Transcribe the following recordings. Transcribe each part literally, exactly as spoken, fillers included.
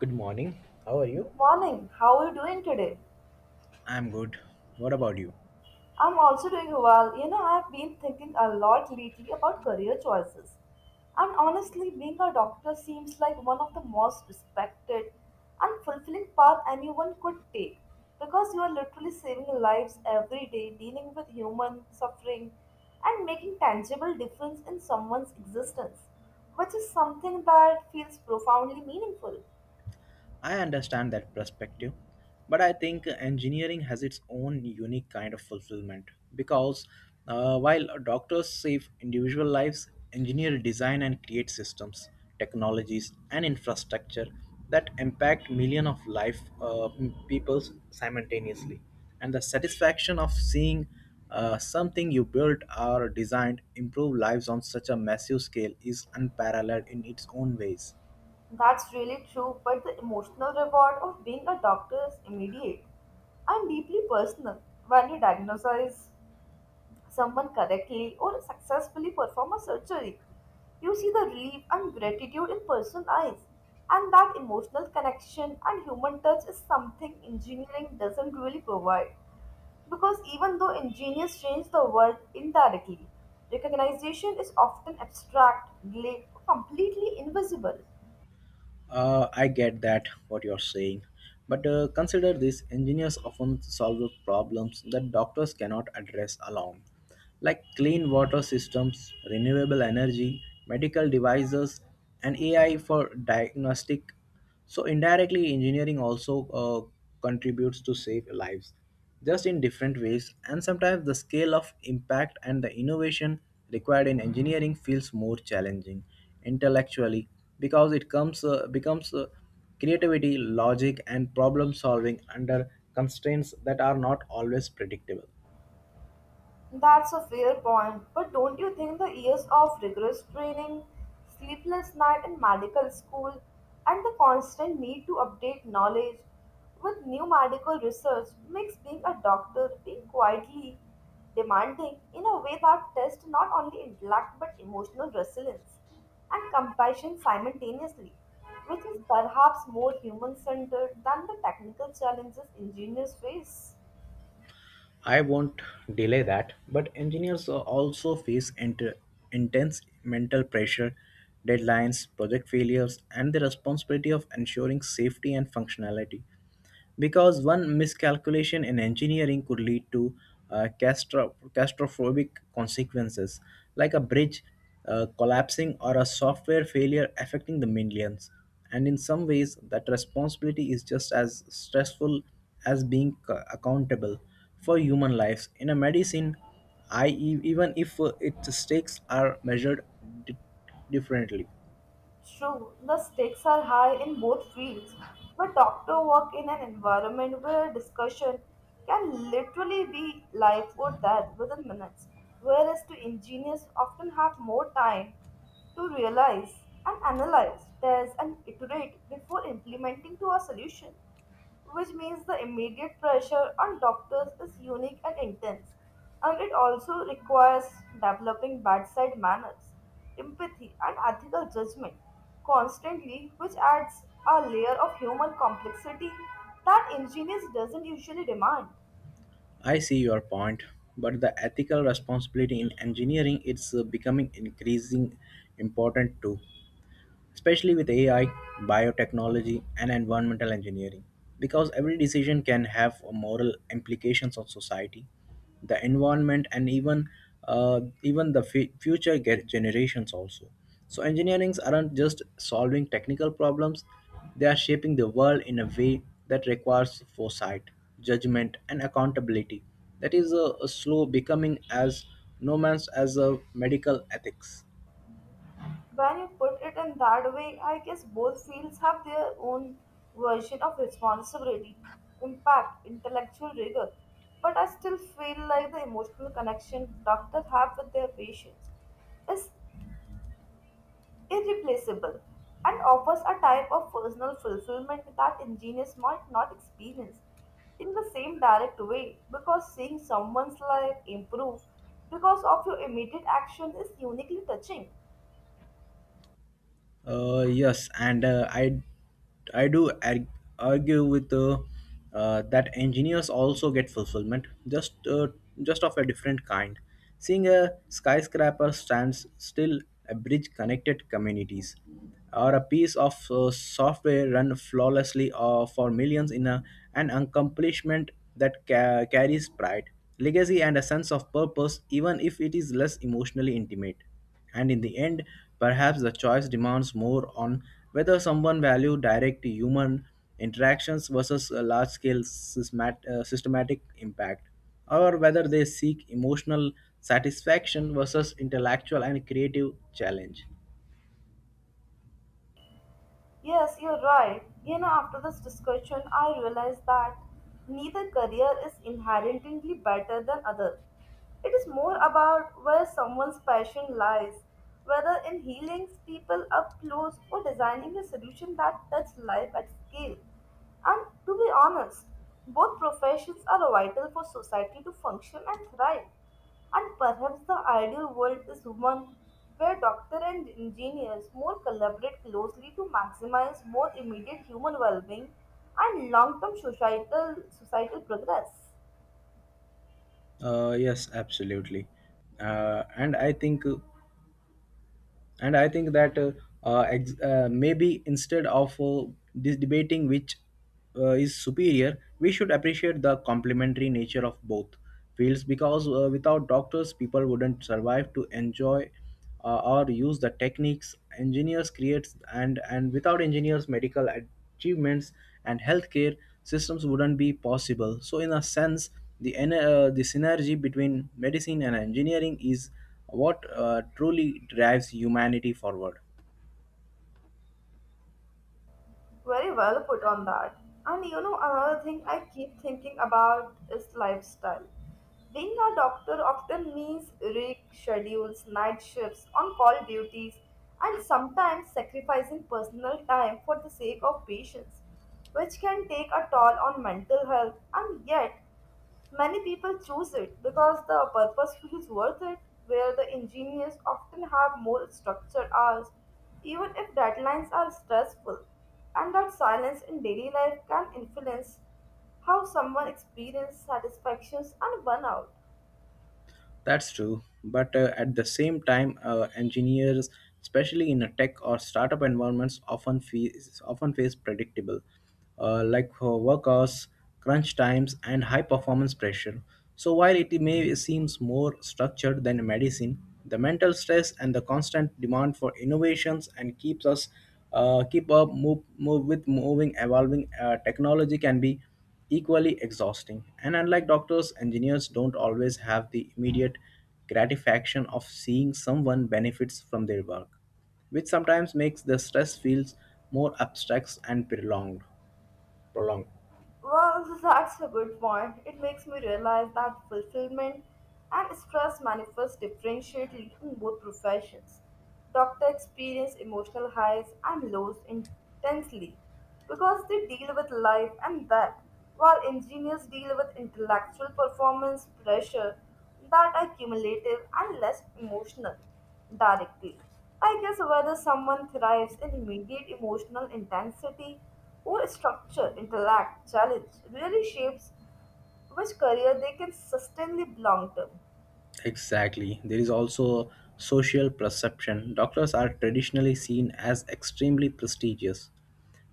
Good morning. How are you? Good morning. How are you doing today? I'm good. What about you? I'm also doing well. You know, I've been thinking a lot lately about career choices. And honestly, being a doctor seems like one of the most respected and fulfilling path anyone could take because you are literally saving lives every day, dealing with human suffering and making tangible difference in someone's existence, which is something that feels profoundly meaningful. I understand that perspective, but I think engineering has its own unique kind of fulfillment because uh, while doctors save individual lives, engineers design and create systems, technologies, and infrastructure that impact millions of life uh, people simultaneously. And the satisfaction of seeing uh, something you built or designed improve lives on such a massive scale is unparalleled in its own ways. That's really true, but the emotional reward of being a doctor is immediate and deeply personal. When you diagnose someone correctly or successfully perform a surgery, you see the relief and gratitude in person's eyes. And that emotional connection and human touch is something engineering doesn't really provide. Because even though engineers change the world indirectly, recognition is often abstract, delayed, or completely invisible. Uh, I get that what you're saying, but uh, consider this: engineers often solve problems that doctors cannot address alone, like clean water systems, renewable energy, medical devices, and A I for diagnostic. So indirectly, engineering also uh, contributes to save lives, just in different ways. And sometimes the scale of impact and the innovation required in engineering feels more challenging intellectually because it comes uh, becomes uh, creativity, logic, and problem solving under constraints that are not always predictable. That's a fair point, but don't you think the years of rigorous training, sleepless night in medical school, and the constant need to update knowledge with new medical research makes being a doctor being quietly demanding in a way that tests not only intellect but emotional resilience and compassion simultaneously, which is perhaps more human centered than the technical challenges engineers face? I won't delay that, but engineers are also face inter- intense mental pressure, deadlines, project failures, and the responsibility of ensuring safety and functionality because one miscalculation in engineering could lead to uh, castro- catastrophic consequences like a bridge uh, collapsing or a software failure affecting the millions, and in some ways that responsibility is just as stressful as being c- accountable for human lives in a medicine, i e- even if uh, its stakes are measured di- differently. True, the stakes are high in both fields, but doctors work in an environment where discussion can literally be life or death within minutes, whereas to engineers often have more time to realize and analyze, test, and iterate before implementing to a solution which means the immediate pressure on doctors is unique and intense. And it also requires developing bedside manners, empathy, and ethical judgment constantly, which adds a layer of human complexity that engineers doesn't usually demand. I see your point, but the ethical responsibility in engineering is uh, becoming increasing important too, especially with A I, biotechnology, and environmental engineering. Because every decision can have moral implications on society, the environment, and even uh, even the fu- future ge- generations also. So engineerings aren't just solving technical problems; they are shaping the world in a way that requires foresight, judgment, and accountability. That is a, a slow becoming as no man's as a medical ethics. When you put it in that way, I guess both fields have their own version of responsibility, impact, intellectual rigor. But I still feel like the emotional connection doctors have with their patients is irreplaceable and offers a type of personal fulfillment that engineers might not experience in the same direct way because seeing someone's life improve because of your immediate action is uniquely touching. Uh, yes, and uh, I I do arg- argue with uh, uh, that engineers also get fulfillment, just uh, just of a different kind. Seeing a skyscraper stands still, a bridge connected communities, or a piece of uh, software run flawlessly uh, for millions in a, an accomplishment that ca- carries pride, legacy, and a sense of purpose, even if it is less emotionally intimate. And in the end, perhaps the choice demands more on whether someone value direct human interactions versus a large-scale systemat- uh, systematic impact, or whether they seek emotional satisfaction versus intellectual and creative challenge. Yes, you're right. You know, after this discussion, I realized that neither career is inherently better than other. It is more about where someone's passion lies, whether in healing people up close or designing a solution that touches life at scale. And to be honest, both professions are vital for society to function and thrive. And perhaps the ideal world is one where doctor and engineers more collaborate closely to maximize both immediate human well-being and long-term societal societal progress. Uh, yes, absolutely. Uh, and I think and I think that uh, uh, ex- uh, maybe instead of uh, this debating which uh, is superior, we should appreciate the complementary nature of both fields because uh, without doctors people wouldn't survive to enjoy uh, or use the techniques engineers creates, and and without engineers medical achievements and healthcare systems wouldn't be possible. So in a sense, the en- uh, the synergy between medicine and engineering is what uh, truly drives humanity forward. Very well put on that. And you know, another thing I keep thinking about is lifestyle. Being a doctor often means rig schedules, night shifts, on call duties, and sometimes sacrificing personal time for the sake of patients, which can take a toll on mental health. And yet, many people choose it because the purpose feels worth it, where the engineers often have more structured hours, even if deadlines are stressful, and that silence in daily life can influence how someone experiences satisfactions and burnout. That's true, but uh, at the same time, uh, engineers, especially in a tech or startup environments, often face often face predictable, uh, like uh, work hours, crunch times, and high performance pressure. So while it may seems more structured than medicine, the mental stress and the constant demand for innovations and keeps us uh, keep up move, move with moving evolving uh, technology can be equally exhausting. And unlike doctors, engineers don't always have the immediate gratification of seeing someone benefits from their work, which sometimes makes the stress feels more abstract and prolonged. Prolonged. Well, that's a good point. It makes me realize that fulfillment and stress manifest differentiatedly in both professions. Doctors experience emotional highs and lows intensely because they deal with life and death, while engineers deal with intellectual performance pressure that are cumulative and less emotional directly. I guess whether someone thrives in immediate emotional intensity or structure, intellect, challenge really shapes which career they can sustainably belong to. Exactly. There is also social perception. Doctors are traditionally seen as extremely prestigious,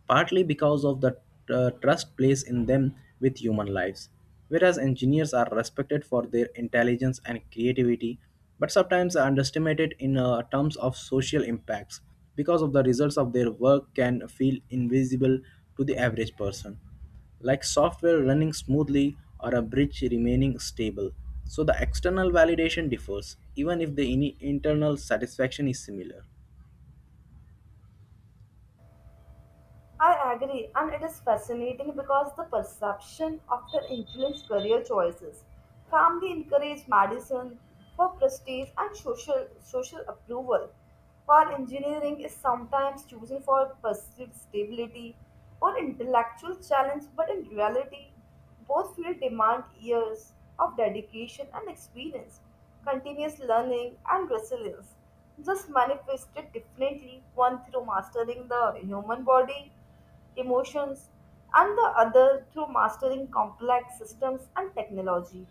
partly because of the uh, trust placed in them with human lives. Whereas engineers are respected for their intelligence and creativity, but sometimes are underestimated in uh, terms of social impacts because of the results of their work can feel invisible to the average person, like software running smoothly or a bridge remaining stable. So the external validation differs, even if the ini- internal satisfaction is similar. I agree, and it is fascinating because the perception often influence career choices. Family encourage medicine for prestige and social social approval, while engineering is sometimes chosen for perceived stability or intellectual challenge. But in reality, both fields demand years of dedication and experience, continuous learning and resilience, just manifested differently, one through mastering the human body, emotions, and the other through mastering complex systems and technology.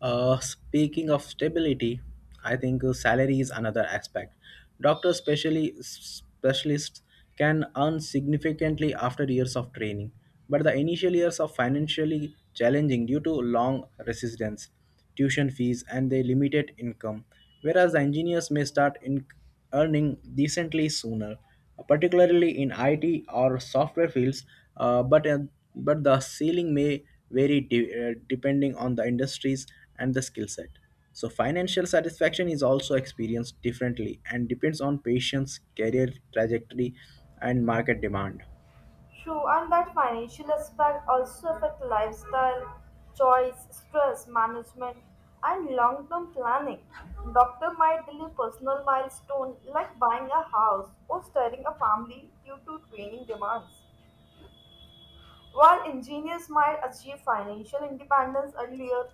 Uh, speaking of stability, I think uh, salary is another aspect. Doctors, especially specialists, can earn significantly after years of training, but the initial years are financially challenging due to long residence tuition fees, and their limited income, whereas the engineers may start in earning decently sooner, particularly in I T or software fields, uh, but, uh, but the ceiling may vary de- uh, depending on the industries and the skill set. So, financial satisfaction is also experienced differently and depends on patients' career trajectory and market demand. True, and that financial aspect also affect lifestyle, choice, stress management, and long-term planning. Doctor might delay personal milestone like buying a house or starting a family due to training demands, while engineers might achieve financial independence earlier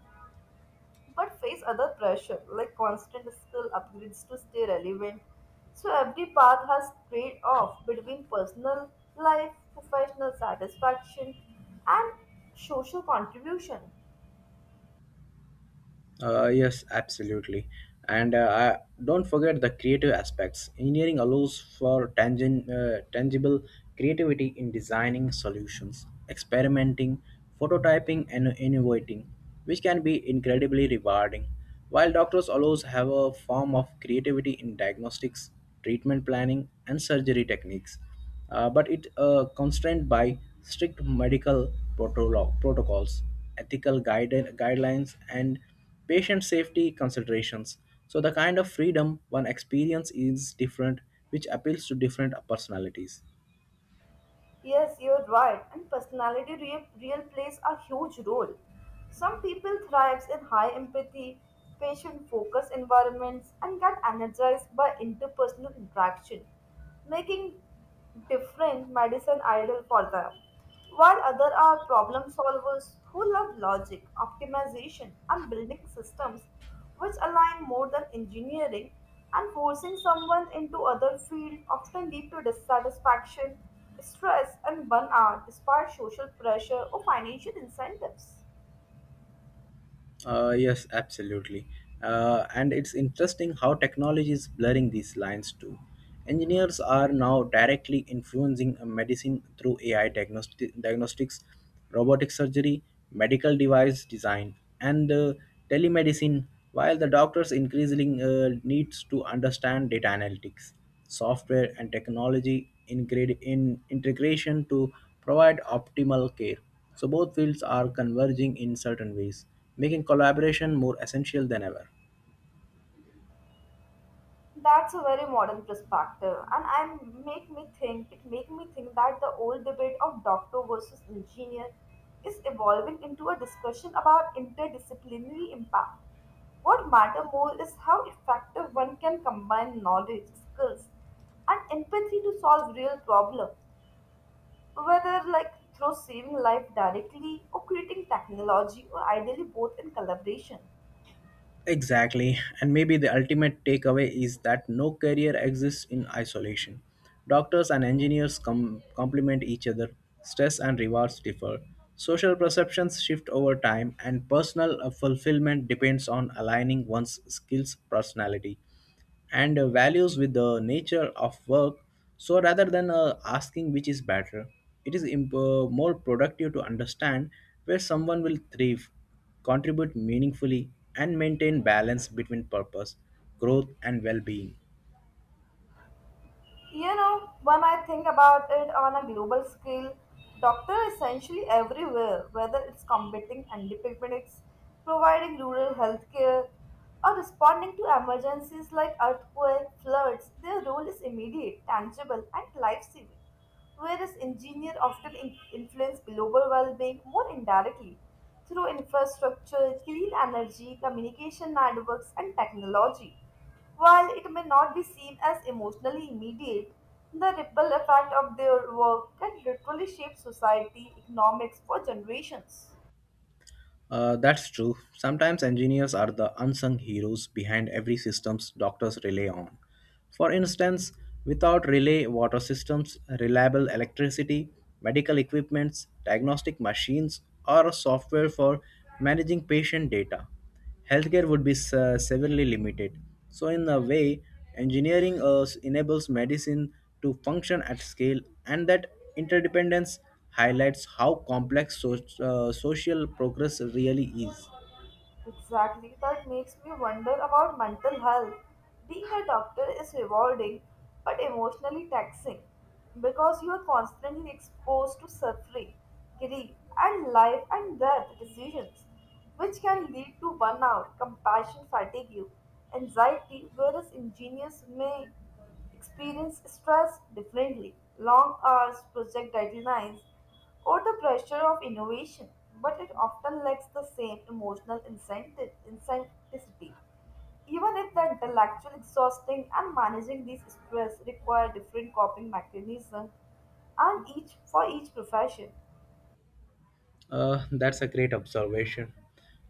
but face other pressure like constant skill upgrades to stay relevant. So every path has trade off between personal life, professional satisfaction, and social contribution. Uh, yes, absolutely. And uh, I don't forget the creative aspects. Engineering allows for tangen, uh, tangible creativity in designing solutions, experimenting, prototyping, and innovating, which can be incredibly rewarding. While doctors allows have a form of creativity in diagnostics, treatment planning, and surgery techniques, uh, but it uh, constrained by strict medical protolo- protocols, ethical guide- guidelines, and patient safety considerations. So, the kind of freedom one experience is different, which appeals to different personalities. Yes, you're right. And personality re- real plays a huge role. Some people thrives in high empathy, patient focused environments and get energized by interpersonal interaction, making different medicine ideal for them. While others are problem solvers who love logic, optimization and building systems which align more than engineering and forcing someone into other field often lead to dissatisfaction stress and burnout despite social pressure or financial incentives. Uh, yes, absolutely. Uh, and it's interesting how technology is blurring these lines too. Engineers are now directly influencing uh, medicine through A I diagnosti- diagnostics, robotic surgery, medical device design, and uh, telemedicine, while the doctors increasingly uh, needs to understand data analytics, software, and technology in, grade- in integration to provide optimal care. So both fields are converging in certain ways, making collaboration more essential than ever. That's a very modern perspective, and I make me think it make me think that the old debate of doctor versus engineer is evolving into a discussion about interdisciplinary impact. What matters more is how effective one can combine knowledge, skills, and empathy to solve real problems, whether like through saving life directly or creating technology or ideally both in collaboration. Exactly. And maybe the ultimate takeaway is that no career exists in isolation. Doctors and engineers com- complement each other, stress and rewards differ. Social perceptions shift over time, and personal uh, fulfillment depends on aligning one's skills, personality, and uh, values with the nature of work. So rather than uh, asking which is better, it is imp- uh, more productive to understand where someone will thrive, contribute meaningfully, and maintain balance between purpose, growth, and well being. You know, when I think about it on a global scale, doctor are essentially everywhere, whether it's combating epidemics, providing rural healthcare, or responding to emergencies like earthquake, floods, their role is immediate, tangible, and life-saving, whereas engineers often in- influence global well-being more indirectly through infrastructure, clean energy, communication networks, and technology. While it may not be seen as emotionally immediate, the ripple effect of their work can literally shape society economics for generations. Uh, that's true. Sometimes engineers are the unsung heroes behind every systems doctors rely on. For instance, without relay water systems, reliable electricity, medical equipments, diagnostic machines, or software for managing patient data, healthcare would be se- severely limited. So, in a way, engineering uh, enables medicine to function at scale, and that interdependence highlights how complex so- uh, social progress really is. Exactly, that makes me wonder about mental health. Being a doctor is rewarding but emotionally taxing because you are constantly exposed to suffering, grief, and life and death decisions, which can lead to burnout, compassion fatigue, anxiety, whereas engineers may experience stress differently long hours, project deadlines, or the pressure of innovation, but it often lacks the same emotional incentive, incentivity. Even if the intellectual exhausting and managing these stress require different coping mechanisms and each for each profession. Uh, that's a great observation.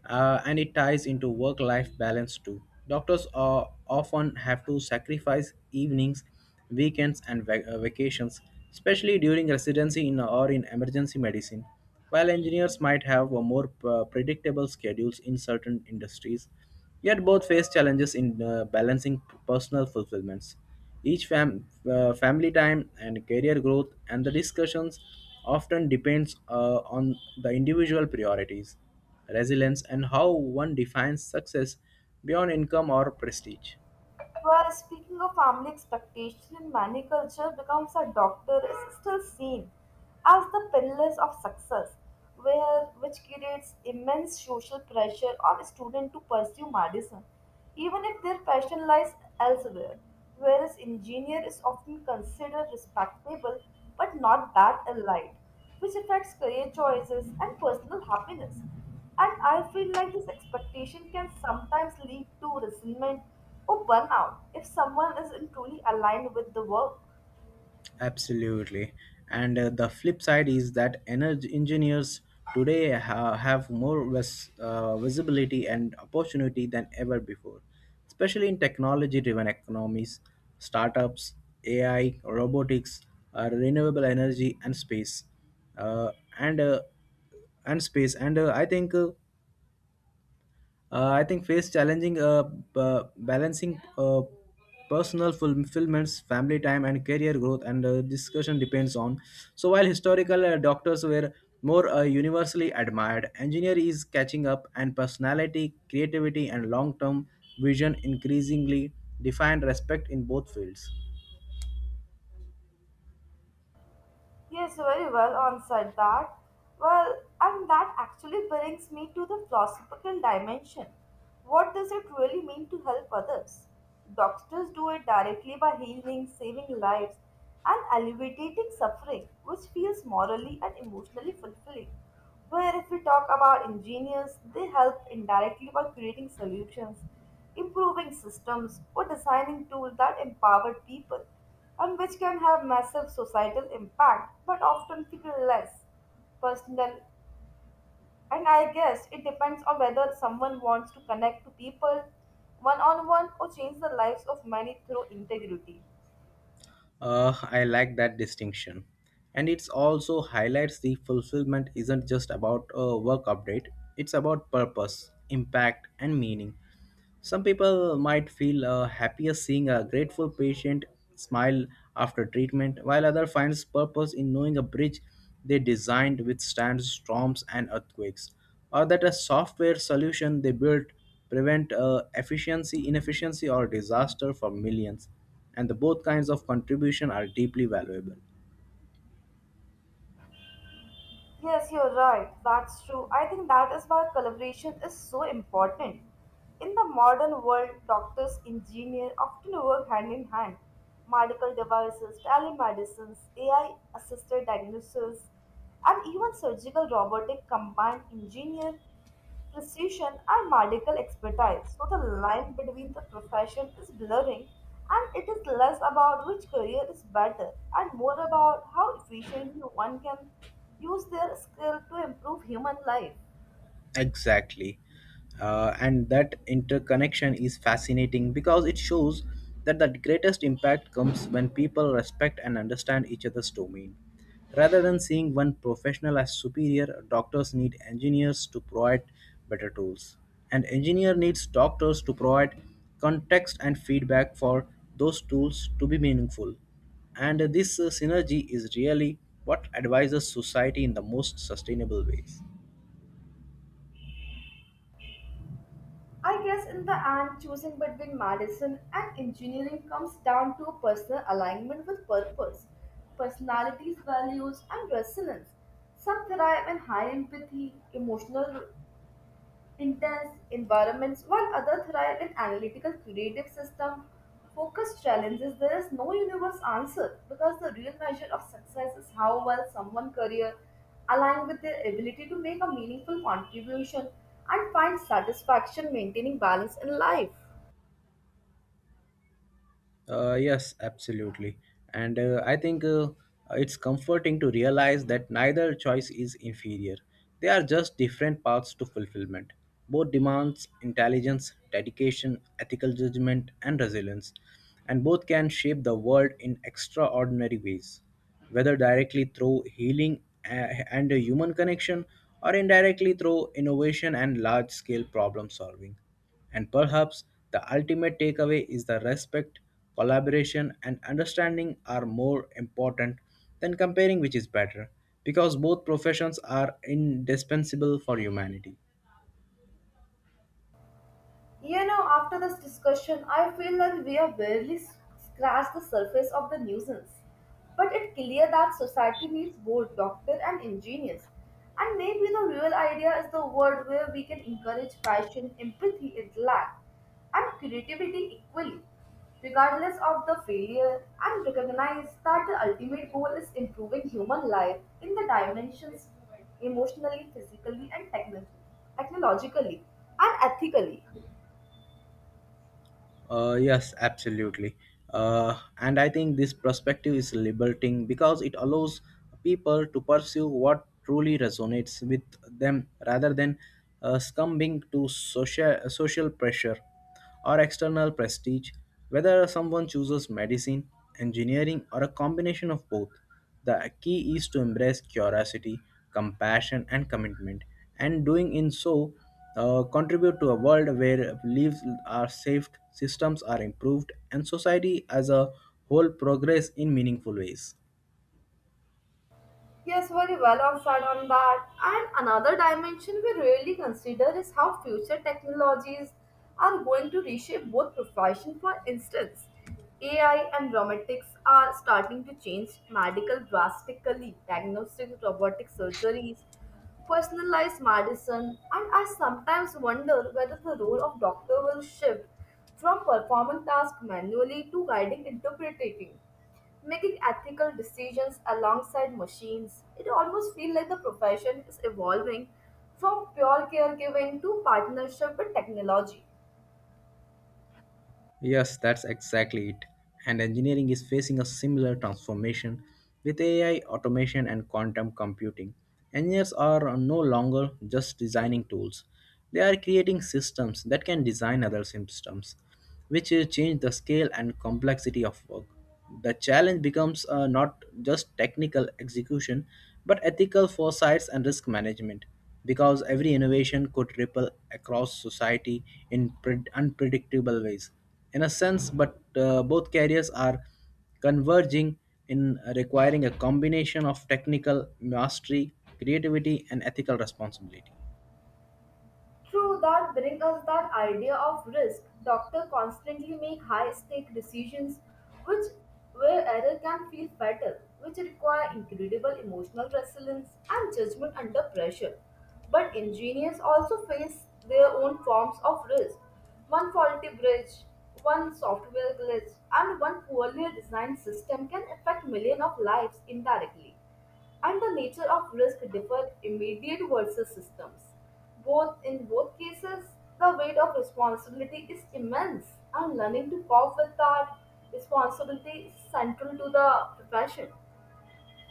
Uh, and it ties into work life balance too. Doctors are often have to sacrifice evenings, weekends, and vac- uh, vacations, especially during residency in or in emergency medicine. While engineers might have a more uh, predictable schedules in certain industries, yet both face challenges in uh, balancing personal fulfillments. Each fam- uh, family time and career growth and the discussions often depends uh, on the individual priorities, resilience, and how one defines success beyond income or prestige. Well, speaking of family expectation in many cultures becomes a doctor is still seen as the pillars of success, where which creates immense social pressure on students to pursue medicine, even if their passion lies elsewhere. Whereas engineer is often considered respectable but not that elite, which affects career choices and personal happiness. And I feel like this expectation can sometimes lead to resentment or burnout if someone isn't truly aligned with the work. Absolutely. And uh, the flip side is that energy engineers today ha- have more vis- uh, visibility and opportunity than ever before, especially in technology driven economies, startups, A I, robotics, uh, renewable energy, and space. Uh, and uh, and space and uh, I think uh, uh, I think face challenging uh, b- uh, balancing uh, personal fulfillments, family time, and career growth, and uh, discussion depends on. So while historical uh, doctors were more uh, universally admired, engineer is catching up, and personality, creativity, and long-term vision increasingly define respect in both fields. Yes, very well answered that. Well, and that actually brings me to the philosophical dimension. What does it really mean to help others? Doctors do it directly by healing, saving lives, and alleviating suffering, which feels morally and emotionally fulfilling. Where if we talk about engineers, they help indirectly by creating solutions improving systems, or designing tools that empower people and which can have massive societal impact but often feel less personal. And I guess it depends on whether someone wants to connect to people one on one or change the lives of many through integrity. Uh, I like that distinction. And it also highlights the fulfillment isn't just about a work update, it's about purpose, impact, and meaning. Some people might feel uh, happier seeing a grateful patient smile after treatment, while others finds purpose in knowing a bridge they designed withstands storms and earthquakes, or that a software solution they built prevent uh, efficiency, inefficiency, or disaster for millions. And the both kinds of contribution are deeply valuable. Yes, you're right. That's true. I think that is why collaboration is so important. In the modern world, doctors, engineers often work hand in hand. Medical devices, telemedicines, A I assisted diagnosis, and even surgical robotic combined engineer precision and medical expertise. So the line between the profession is blurring and it is less about which career is better and more about how efficiently one can use their skill to improve human life. Exactly. Uh, and that interconnection is fascinating because it shows that the greatest impact comes when people respect and understand each other's domain. Rather than seeing one professional as superior, doctors need engineers to provide better tools. And engineer needs doctors to provide context and feedback for those tools to be meaningful. And this uh, synergy is really what advises society in the most sustainable ways. I guess in the end, choosing between medicine and engineering comes down to personal alignment with purpose, personalities, values, and resonance. Some thrive in high empathy, emotional intense environments, while others thrive in analytical, creative system focused challenges. There is no universe answer because the real measure of success is how well someone career align with their ability to make a meaningful contribution and find satisfaction maintaining balance in life. Uh, yes, absolutely. And uh, I think uh, it's comforting to realize that neither choice is inferior. They are just different paths to fulfillment. Both demands intelligence, dedication, ethical judgment, and resilience. And both can shape the world in extraordinary ways, whether directly through healing uh, and human connection or indirectly through innovation and large scale problem solving. And perhaps the ultimate takeaway is that respect, collaboration, and understanding are more important than comparing which is better, because both professions are indispensable for humanity. You know, after this discussion, I feel that we have barely s- scratched the surface of the nuisance. But it's clear that society needs both doctors and engineers. And maybe the real idea is the world where we can encourage passion, empathy, intellect, and creativity equally, regardless of the failure, and recognize that the ultimate goal is improving human life in the dimensions emotionally, physically, and technically, technologically, and ethically. Uh, yes, absolutely. Uh, and I think this perspective is liberating because it allows people to pursue what truly resonates with them rather than uh, succumbing to social, social pressure or external prestige, whether someone chooses medicine, engineering, or a combination of both. The key is to embrace curiosity, compassion, and commitment, and doing in so uh, contribute to a world where beliefs are saved, systems are improved, and society as a whole progress in meaningful ways. Yes, very well observed on that. And another dimension we really consider is how future technologies are going to reshape both professions. For instance, A I and robotics are starting to change medical drastically. Diagnostic robotic surgeries, personalized medicine, and I sometimes wonder whether the role of doctor will shift from performing tasks manually to guiding interpreting making ethical decisions alongside machines. It almost feels like the profession is evolving from pure caregiving to partnership with technology. Yes, that's exactly it. And engineering is facing a similar transformation with A I, automation, and quantum computing. Engineers are no longer just designing tools, they are creating systems that can design other systems, which will change the scale and complexity of work. The challenge becomes uh, not just technical execution, but ethical foresights and risk management, because every innovation could ripple across society in pred- unpredictable ways in a sense, but uh, both careers are converging in requiring a combination of technical mastery, creativity, and ethical responsibility. True, that brings us that idea of risk. Doctors constantly make high stake decisions which where error can feel fatal, which require incredible emotional resilience and judgment under pressure. But engineers also face their own forms of risk. One faulty bridge, one software glitch, and one poorly designed system can affect millions of lives indirectly, and the nature of risk differ immediate versus systems. Both in both cases, the weight of responsibility is immense, and learning to cope with that responsibility is central to the profession.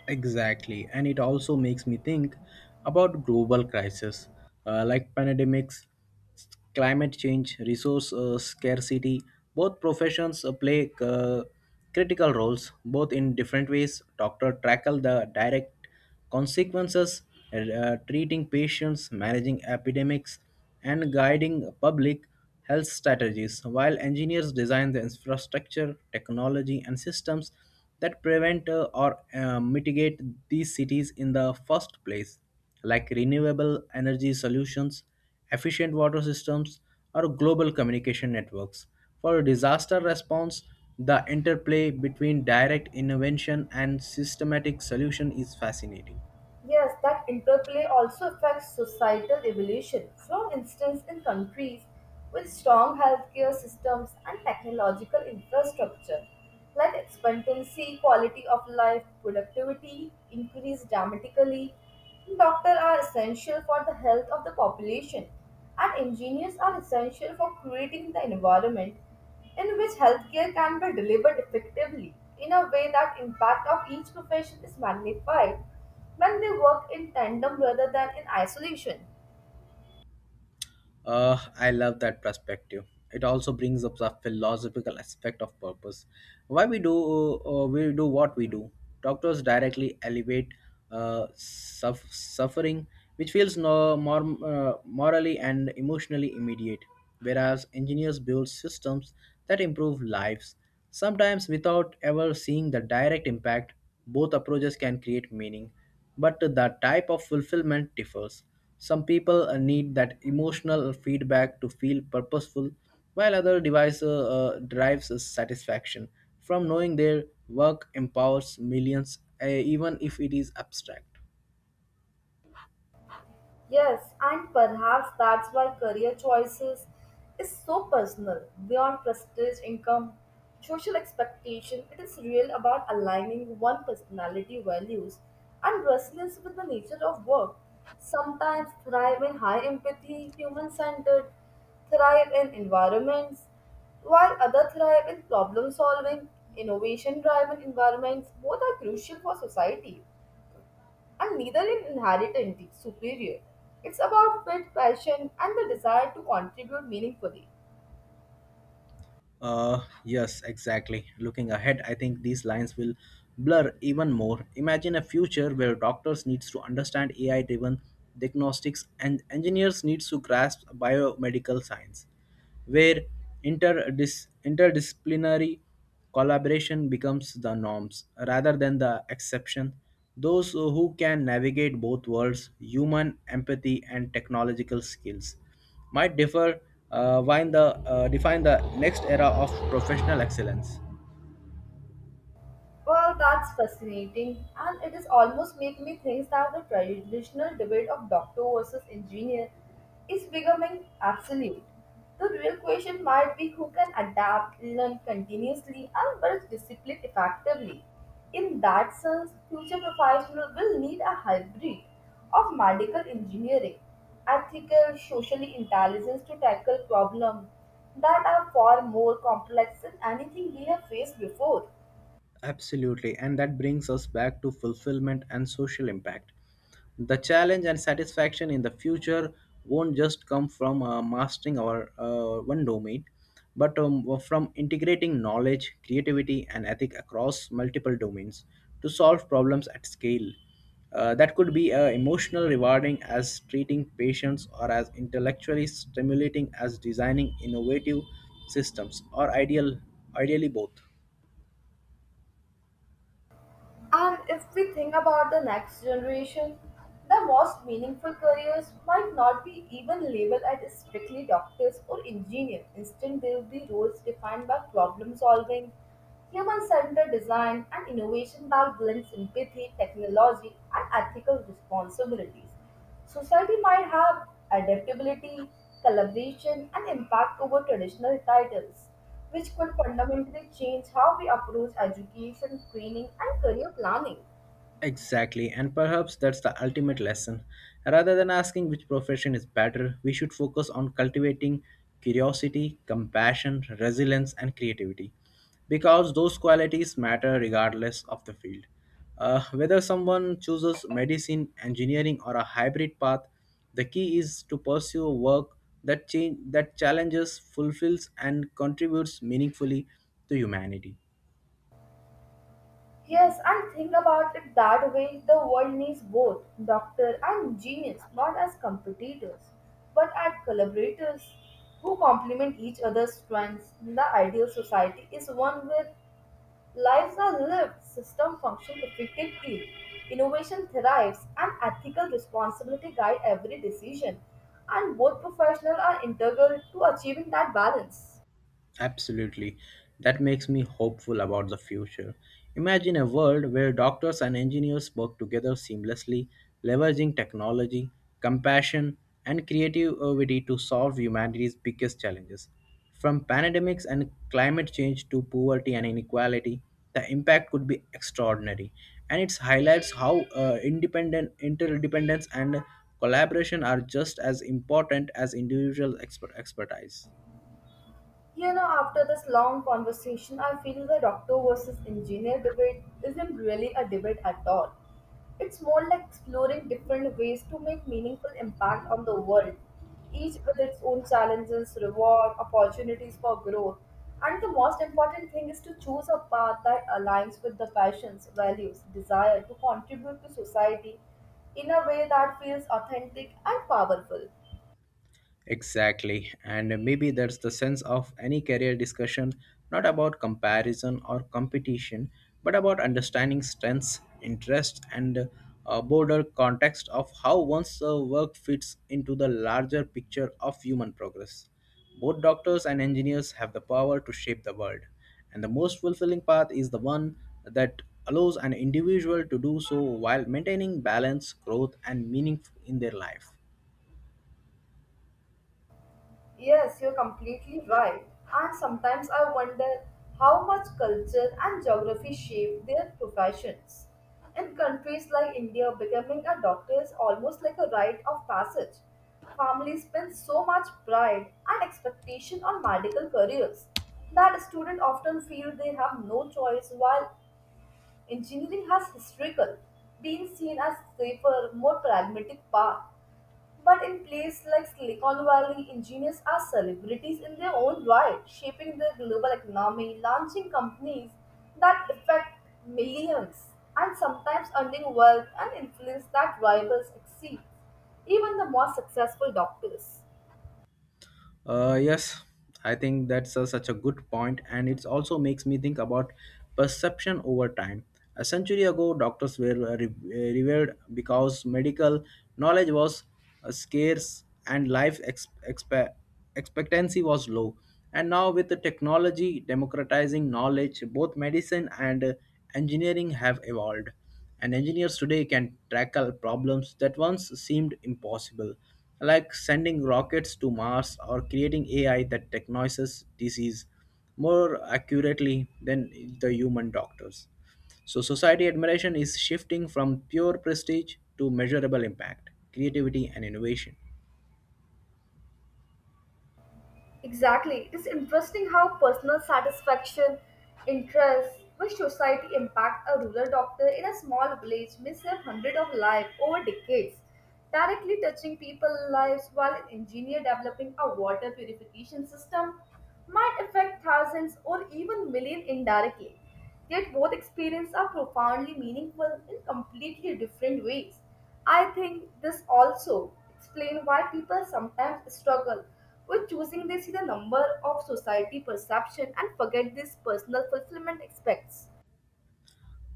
Exactly, and it also makes me think about global crises uh, like pandemics, climate change, resource uh, scarcity. Both professions uh, play uh, critical roles, both in different ways. Doctor tackle the direct consequences, uh, treating patients, managing epidemics, and guiding public health strategies, while engineers design the infrastructure, technology, and systems that prevent uh, or uh, mitigate these cities in the first place like renewable energy solutions, efficient water systems, or global communication networks. For disaster response, the interplay between direct intervention and systematic solution is fascinating. Yes, that interplay also affects societal evolution. For instance, in countries with strong healthcare systems and technological infrastructure, like expectancy, quality of life, productivity increase dramatically. Doctors are essential for the health of the population, and engineers are essential for creating the environment in which healthcare can be delivered effectively in a way that impact of each profession is magnified when they work in tandem rather than in isolation. Uh, I love that perspective. It also brings up the philosophical aspect of purpose. Why we do uh, we do what we do. Doctors directly elevate uh, suff- suffering, which feels no more uh, morally and emotionally immediate, whereas engineers build systems that improve lives, sometimes without ever seeing the direct impact. Both approaches can create meaning, but the type of fulfillment differs. Some people uh, need that emotional feedback to feel purposeful, while other device uh, uh, derives satisfaction from knowing their work empowers millions, uh, even if it is abstract. Yes, and perhaps that's why career choices is so personal, beyond prestige, income, social expectation. It is real about aligning one personality values and resonance with the nature of work. Sometimes thrive in high empathy, human-centered, thrive in environments, while others thrive in problem-solving, innovation-driven environments. Both are crucial for society and neither in inherently superior. It's about faith, passion, and the desire to contribute meaningfully. Uh, yes, exactly. Looking ahead, I think these lines will blur even more. Imagine a future where doctors needs to understand A I-driven diagnostics and engineers needs to grasp biomedical science where interdis- interdisciplinary collaboration becomes the norms rather than the exception. Those who can navigate both worlds, human empathy and technological skills, might differ uh, while the, uh, define the next era of professional excellence. Well, that's fascinating, and it is almost make me think that the traditional debate of doctor versus engineer is becoming absolute. The real question might be who can adapt, learn continuously, and build discipline effectively. In that sense, future professionals will need a hybrid of medical engineering, ethical, socially intelligence to tackle problems that are far more complex than anything we have faced before. Absolutely, and that brings us back to fulfillment and social impact. The challenge and satisfaction in the future won't just come from uh, mastering our uh, one domain, but um, from integrating knowledge, creativity, and ethic across multiple domains to solve problems at scale. Uh, that could be uh, emotional rewarding as treating patients or as intellectually stimulating as designing innovative systems or ideal ideally both. And if we think about the next generation, the most meaningful careers might not be even labeled as strictly doctors or engineers. Instead, they will be roles defined by problem solving, human centered design, and innovation that blends empathy, technology, and ethical responsibilities. Society might have adaptability, collaboration, and impact over traditional titles, which could fundamentally change how we approach education, training, and career planning. Exactly, and perhaps that's the ultimate lesson. Rather than asking which profession is better, we should focus on cultivating curiosity, compassion, resilience, and creativity because those qualities matter regardless of the field. Uh, whether someone chooses medicine, engineering, or a hybrid path, the key is to pursue work that, change, that challenges, fulfills, and contributes meaningfully to humanity. Yes, and think about it that way, the world needs both doctor and genius, not as competitors, but as collaborators who complement each other's strengths. The ideal society is one where lives are lived, systems function effectively, innovation thrives, and ethical responsibility guide every decision. And both professionals are integral to achieving that balance. Absolutely. That makes me hopeful about the future. Imagine a world where doctors and engineers work together seamlessly, leveraging technology, compassion, and creativity to solve humanity's biggest challenges. From pandemics and climate change to poverty and inequality, the impact could be extraordinary. And it highlights how uh, independent, interdependence, and collaboration are just as important as individual expert expertise. You know, after this long conversation, I feel the doctor versus engineer debate isn't really a debate at all. It's more like exploring different ways to make meaningful impact on the world, each with its own challenges, reward, opportunities for growth. And the most important thing is to choose a path that aligns with the passions, values, desire to contribute to society in a way that feels authentic and powerful. Exactly. And maybe that's the sense of any career discussion, not about comparison or competition, but about understanding strengths, interests, and a broader context of how one's uh, work fits into the larger picture of human progress. Both doctors and engineers have the power to shape the world, and the most fulfilling path is the one that allows an individual to do so while maintaining balance, growth, and meaning in their life. Yes, you're completely right. And sometimes I wonder how much culture and geography shape their professions. In countries like India, becoming a doctor is almost like a rite of passage. Families spend so much pride and expectation on medical careers that students often feel they have no choice, while engineering has historical, being seen as safer, more pragmatic path. But in places like Silicon Valley, engineers are celebrities in their own right, shaping the global economy, launching companies that affect millions, and sometimes earning wealth and influence that rivals exceed even the most successful doctors. Uh, yes, I think that's uh, such a good point, and it also makes me think about perception over time. A century ago, doctors were uh, re- uh, revered because medical knowledge was uh, scarce and life ex- expe- expectancy was low. And now, with the technology democratizing knowledge, both medicine and uh, engineering have evolved. And engineers today can tackle problems that once seemed impossible, like sending rockets to Mars or creating A I that diagnoses disease more accurately than the human doctors. So, society admiration is shifting from pure prestige to measurable impact, creativity, and innovation. Exactly. It is interesting how personal satisfaction, interests, which society impact a rural doctor in a small village may save hundreds of lives over decades, directly touching people's lives while an engineer developing a water purification system might affect thousands or even millions indirectly. Yet both experiences are profoundly meaningful in completely different ways. I think this also explains why people sometimes struggle with choosing. They see the number of society perception and forget these personal fulfillment aspects.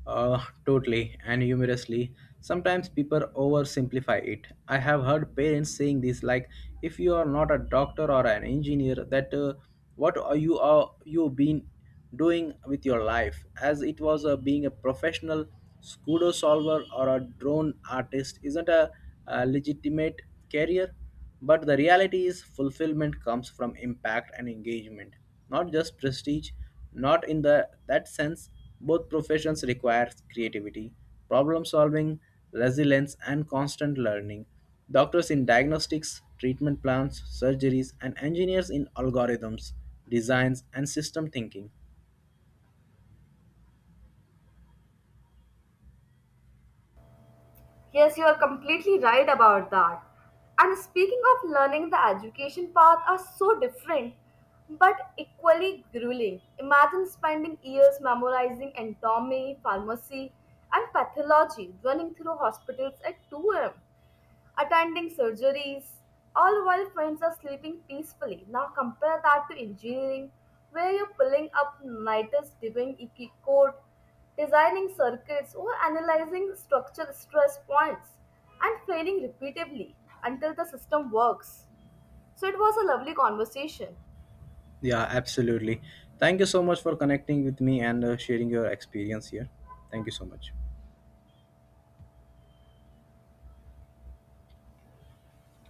Uh, totally and humorously. Sometimes people oversimplify it. I have heard parents saying this, like, "If you are not a doctor or an engineer, that uh, what are you are you been doing with your life?" As it was uh, being a professional scudo solver or a drone artist isn't a, a legitimate career. But the reality is, fulfillment comes from impact and engagement, not just prestige. Not in the that sense, both professions require creativity, problem solving, resilience, and constant learning. Doctors in diagnostics, treatment plans, surgeries, and engineers in algorithms, designs, and system thinking. Yes, you are completely right about that. And speaking of learning, the education path are so different but equally grueling. Imagine spending years memorizing anatomy, pharmacy, and pathology, running through hospitals at two a m attending surgeries, all while friends are sleeping peacefully. Now compare that to engineering, where you're pulling up nighters, doing E Q code, designing circuits, or analyzing structural stress points, and failing repeatedly until the system works. So it was a lovely conversation. Yeah, absolutely. Thank you so much for connecting with me and uh, sharing your experience here. Thank you so much.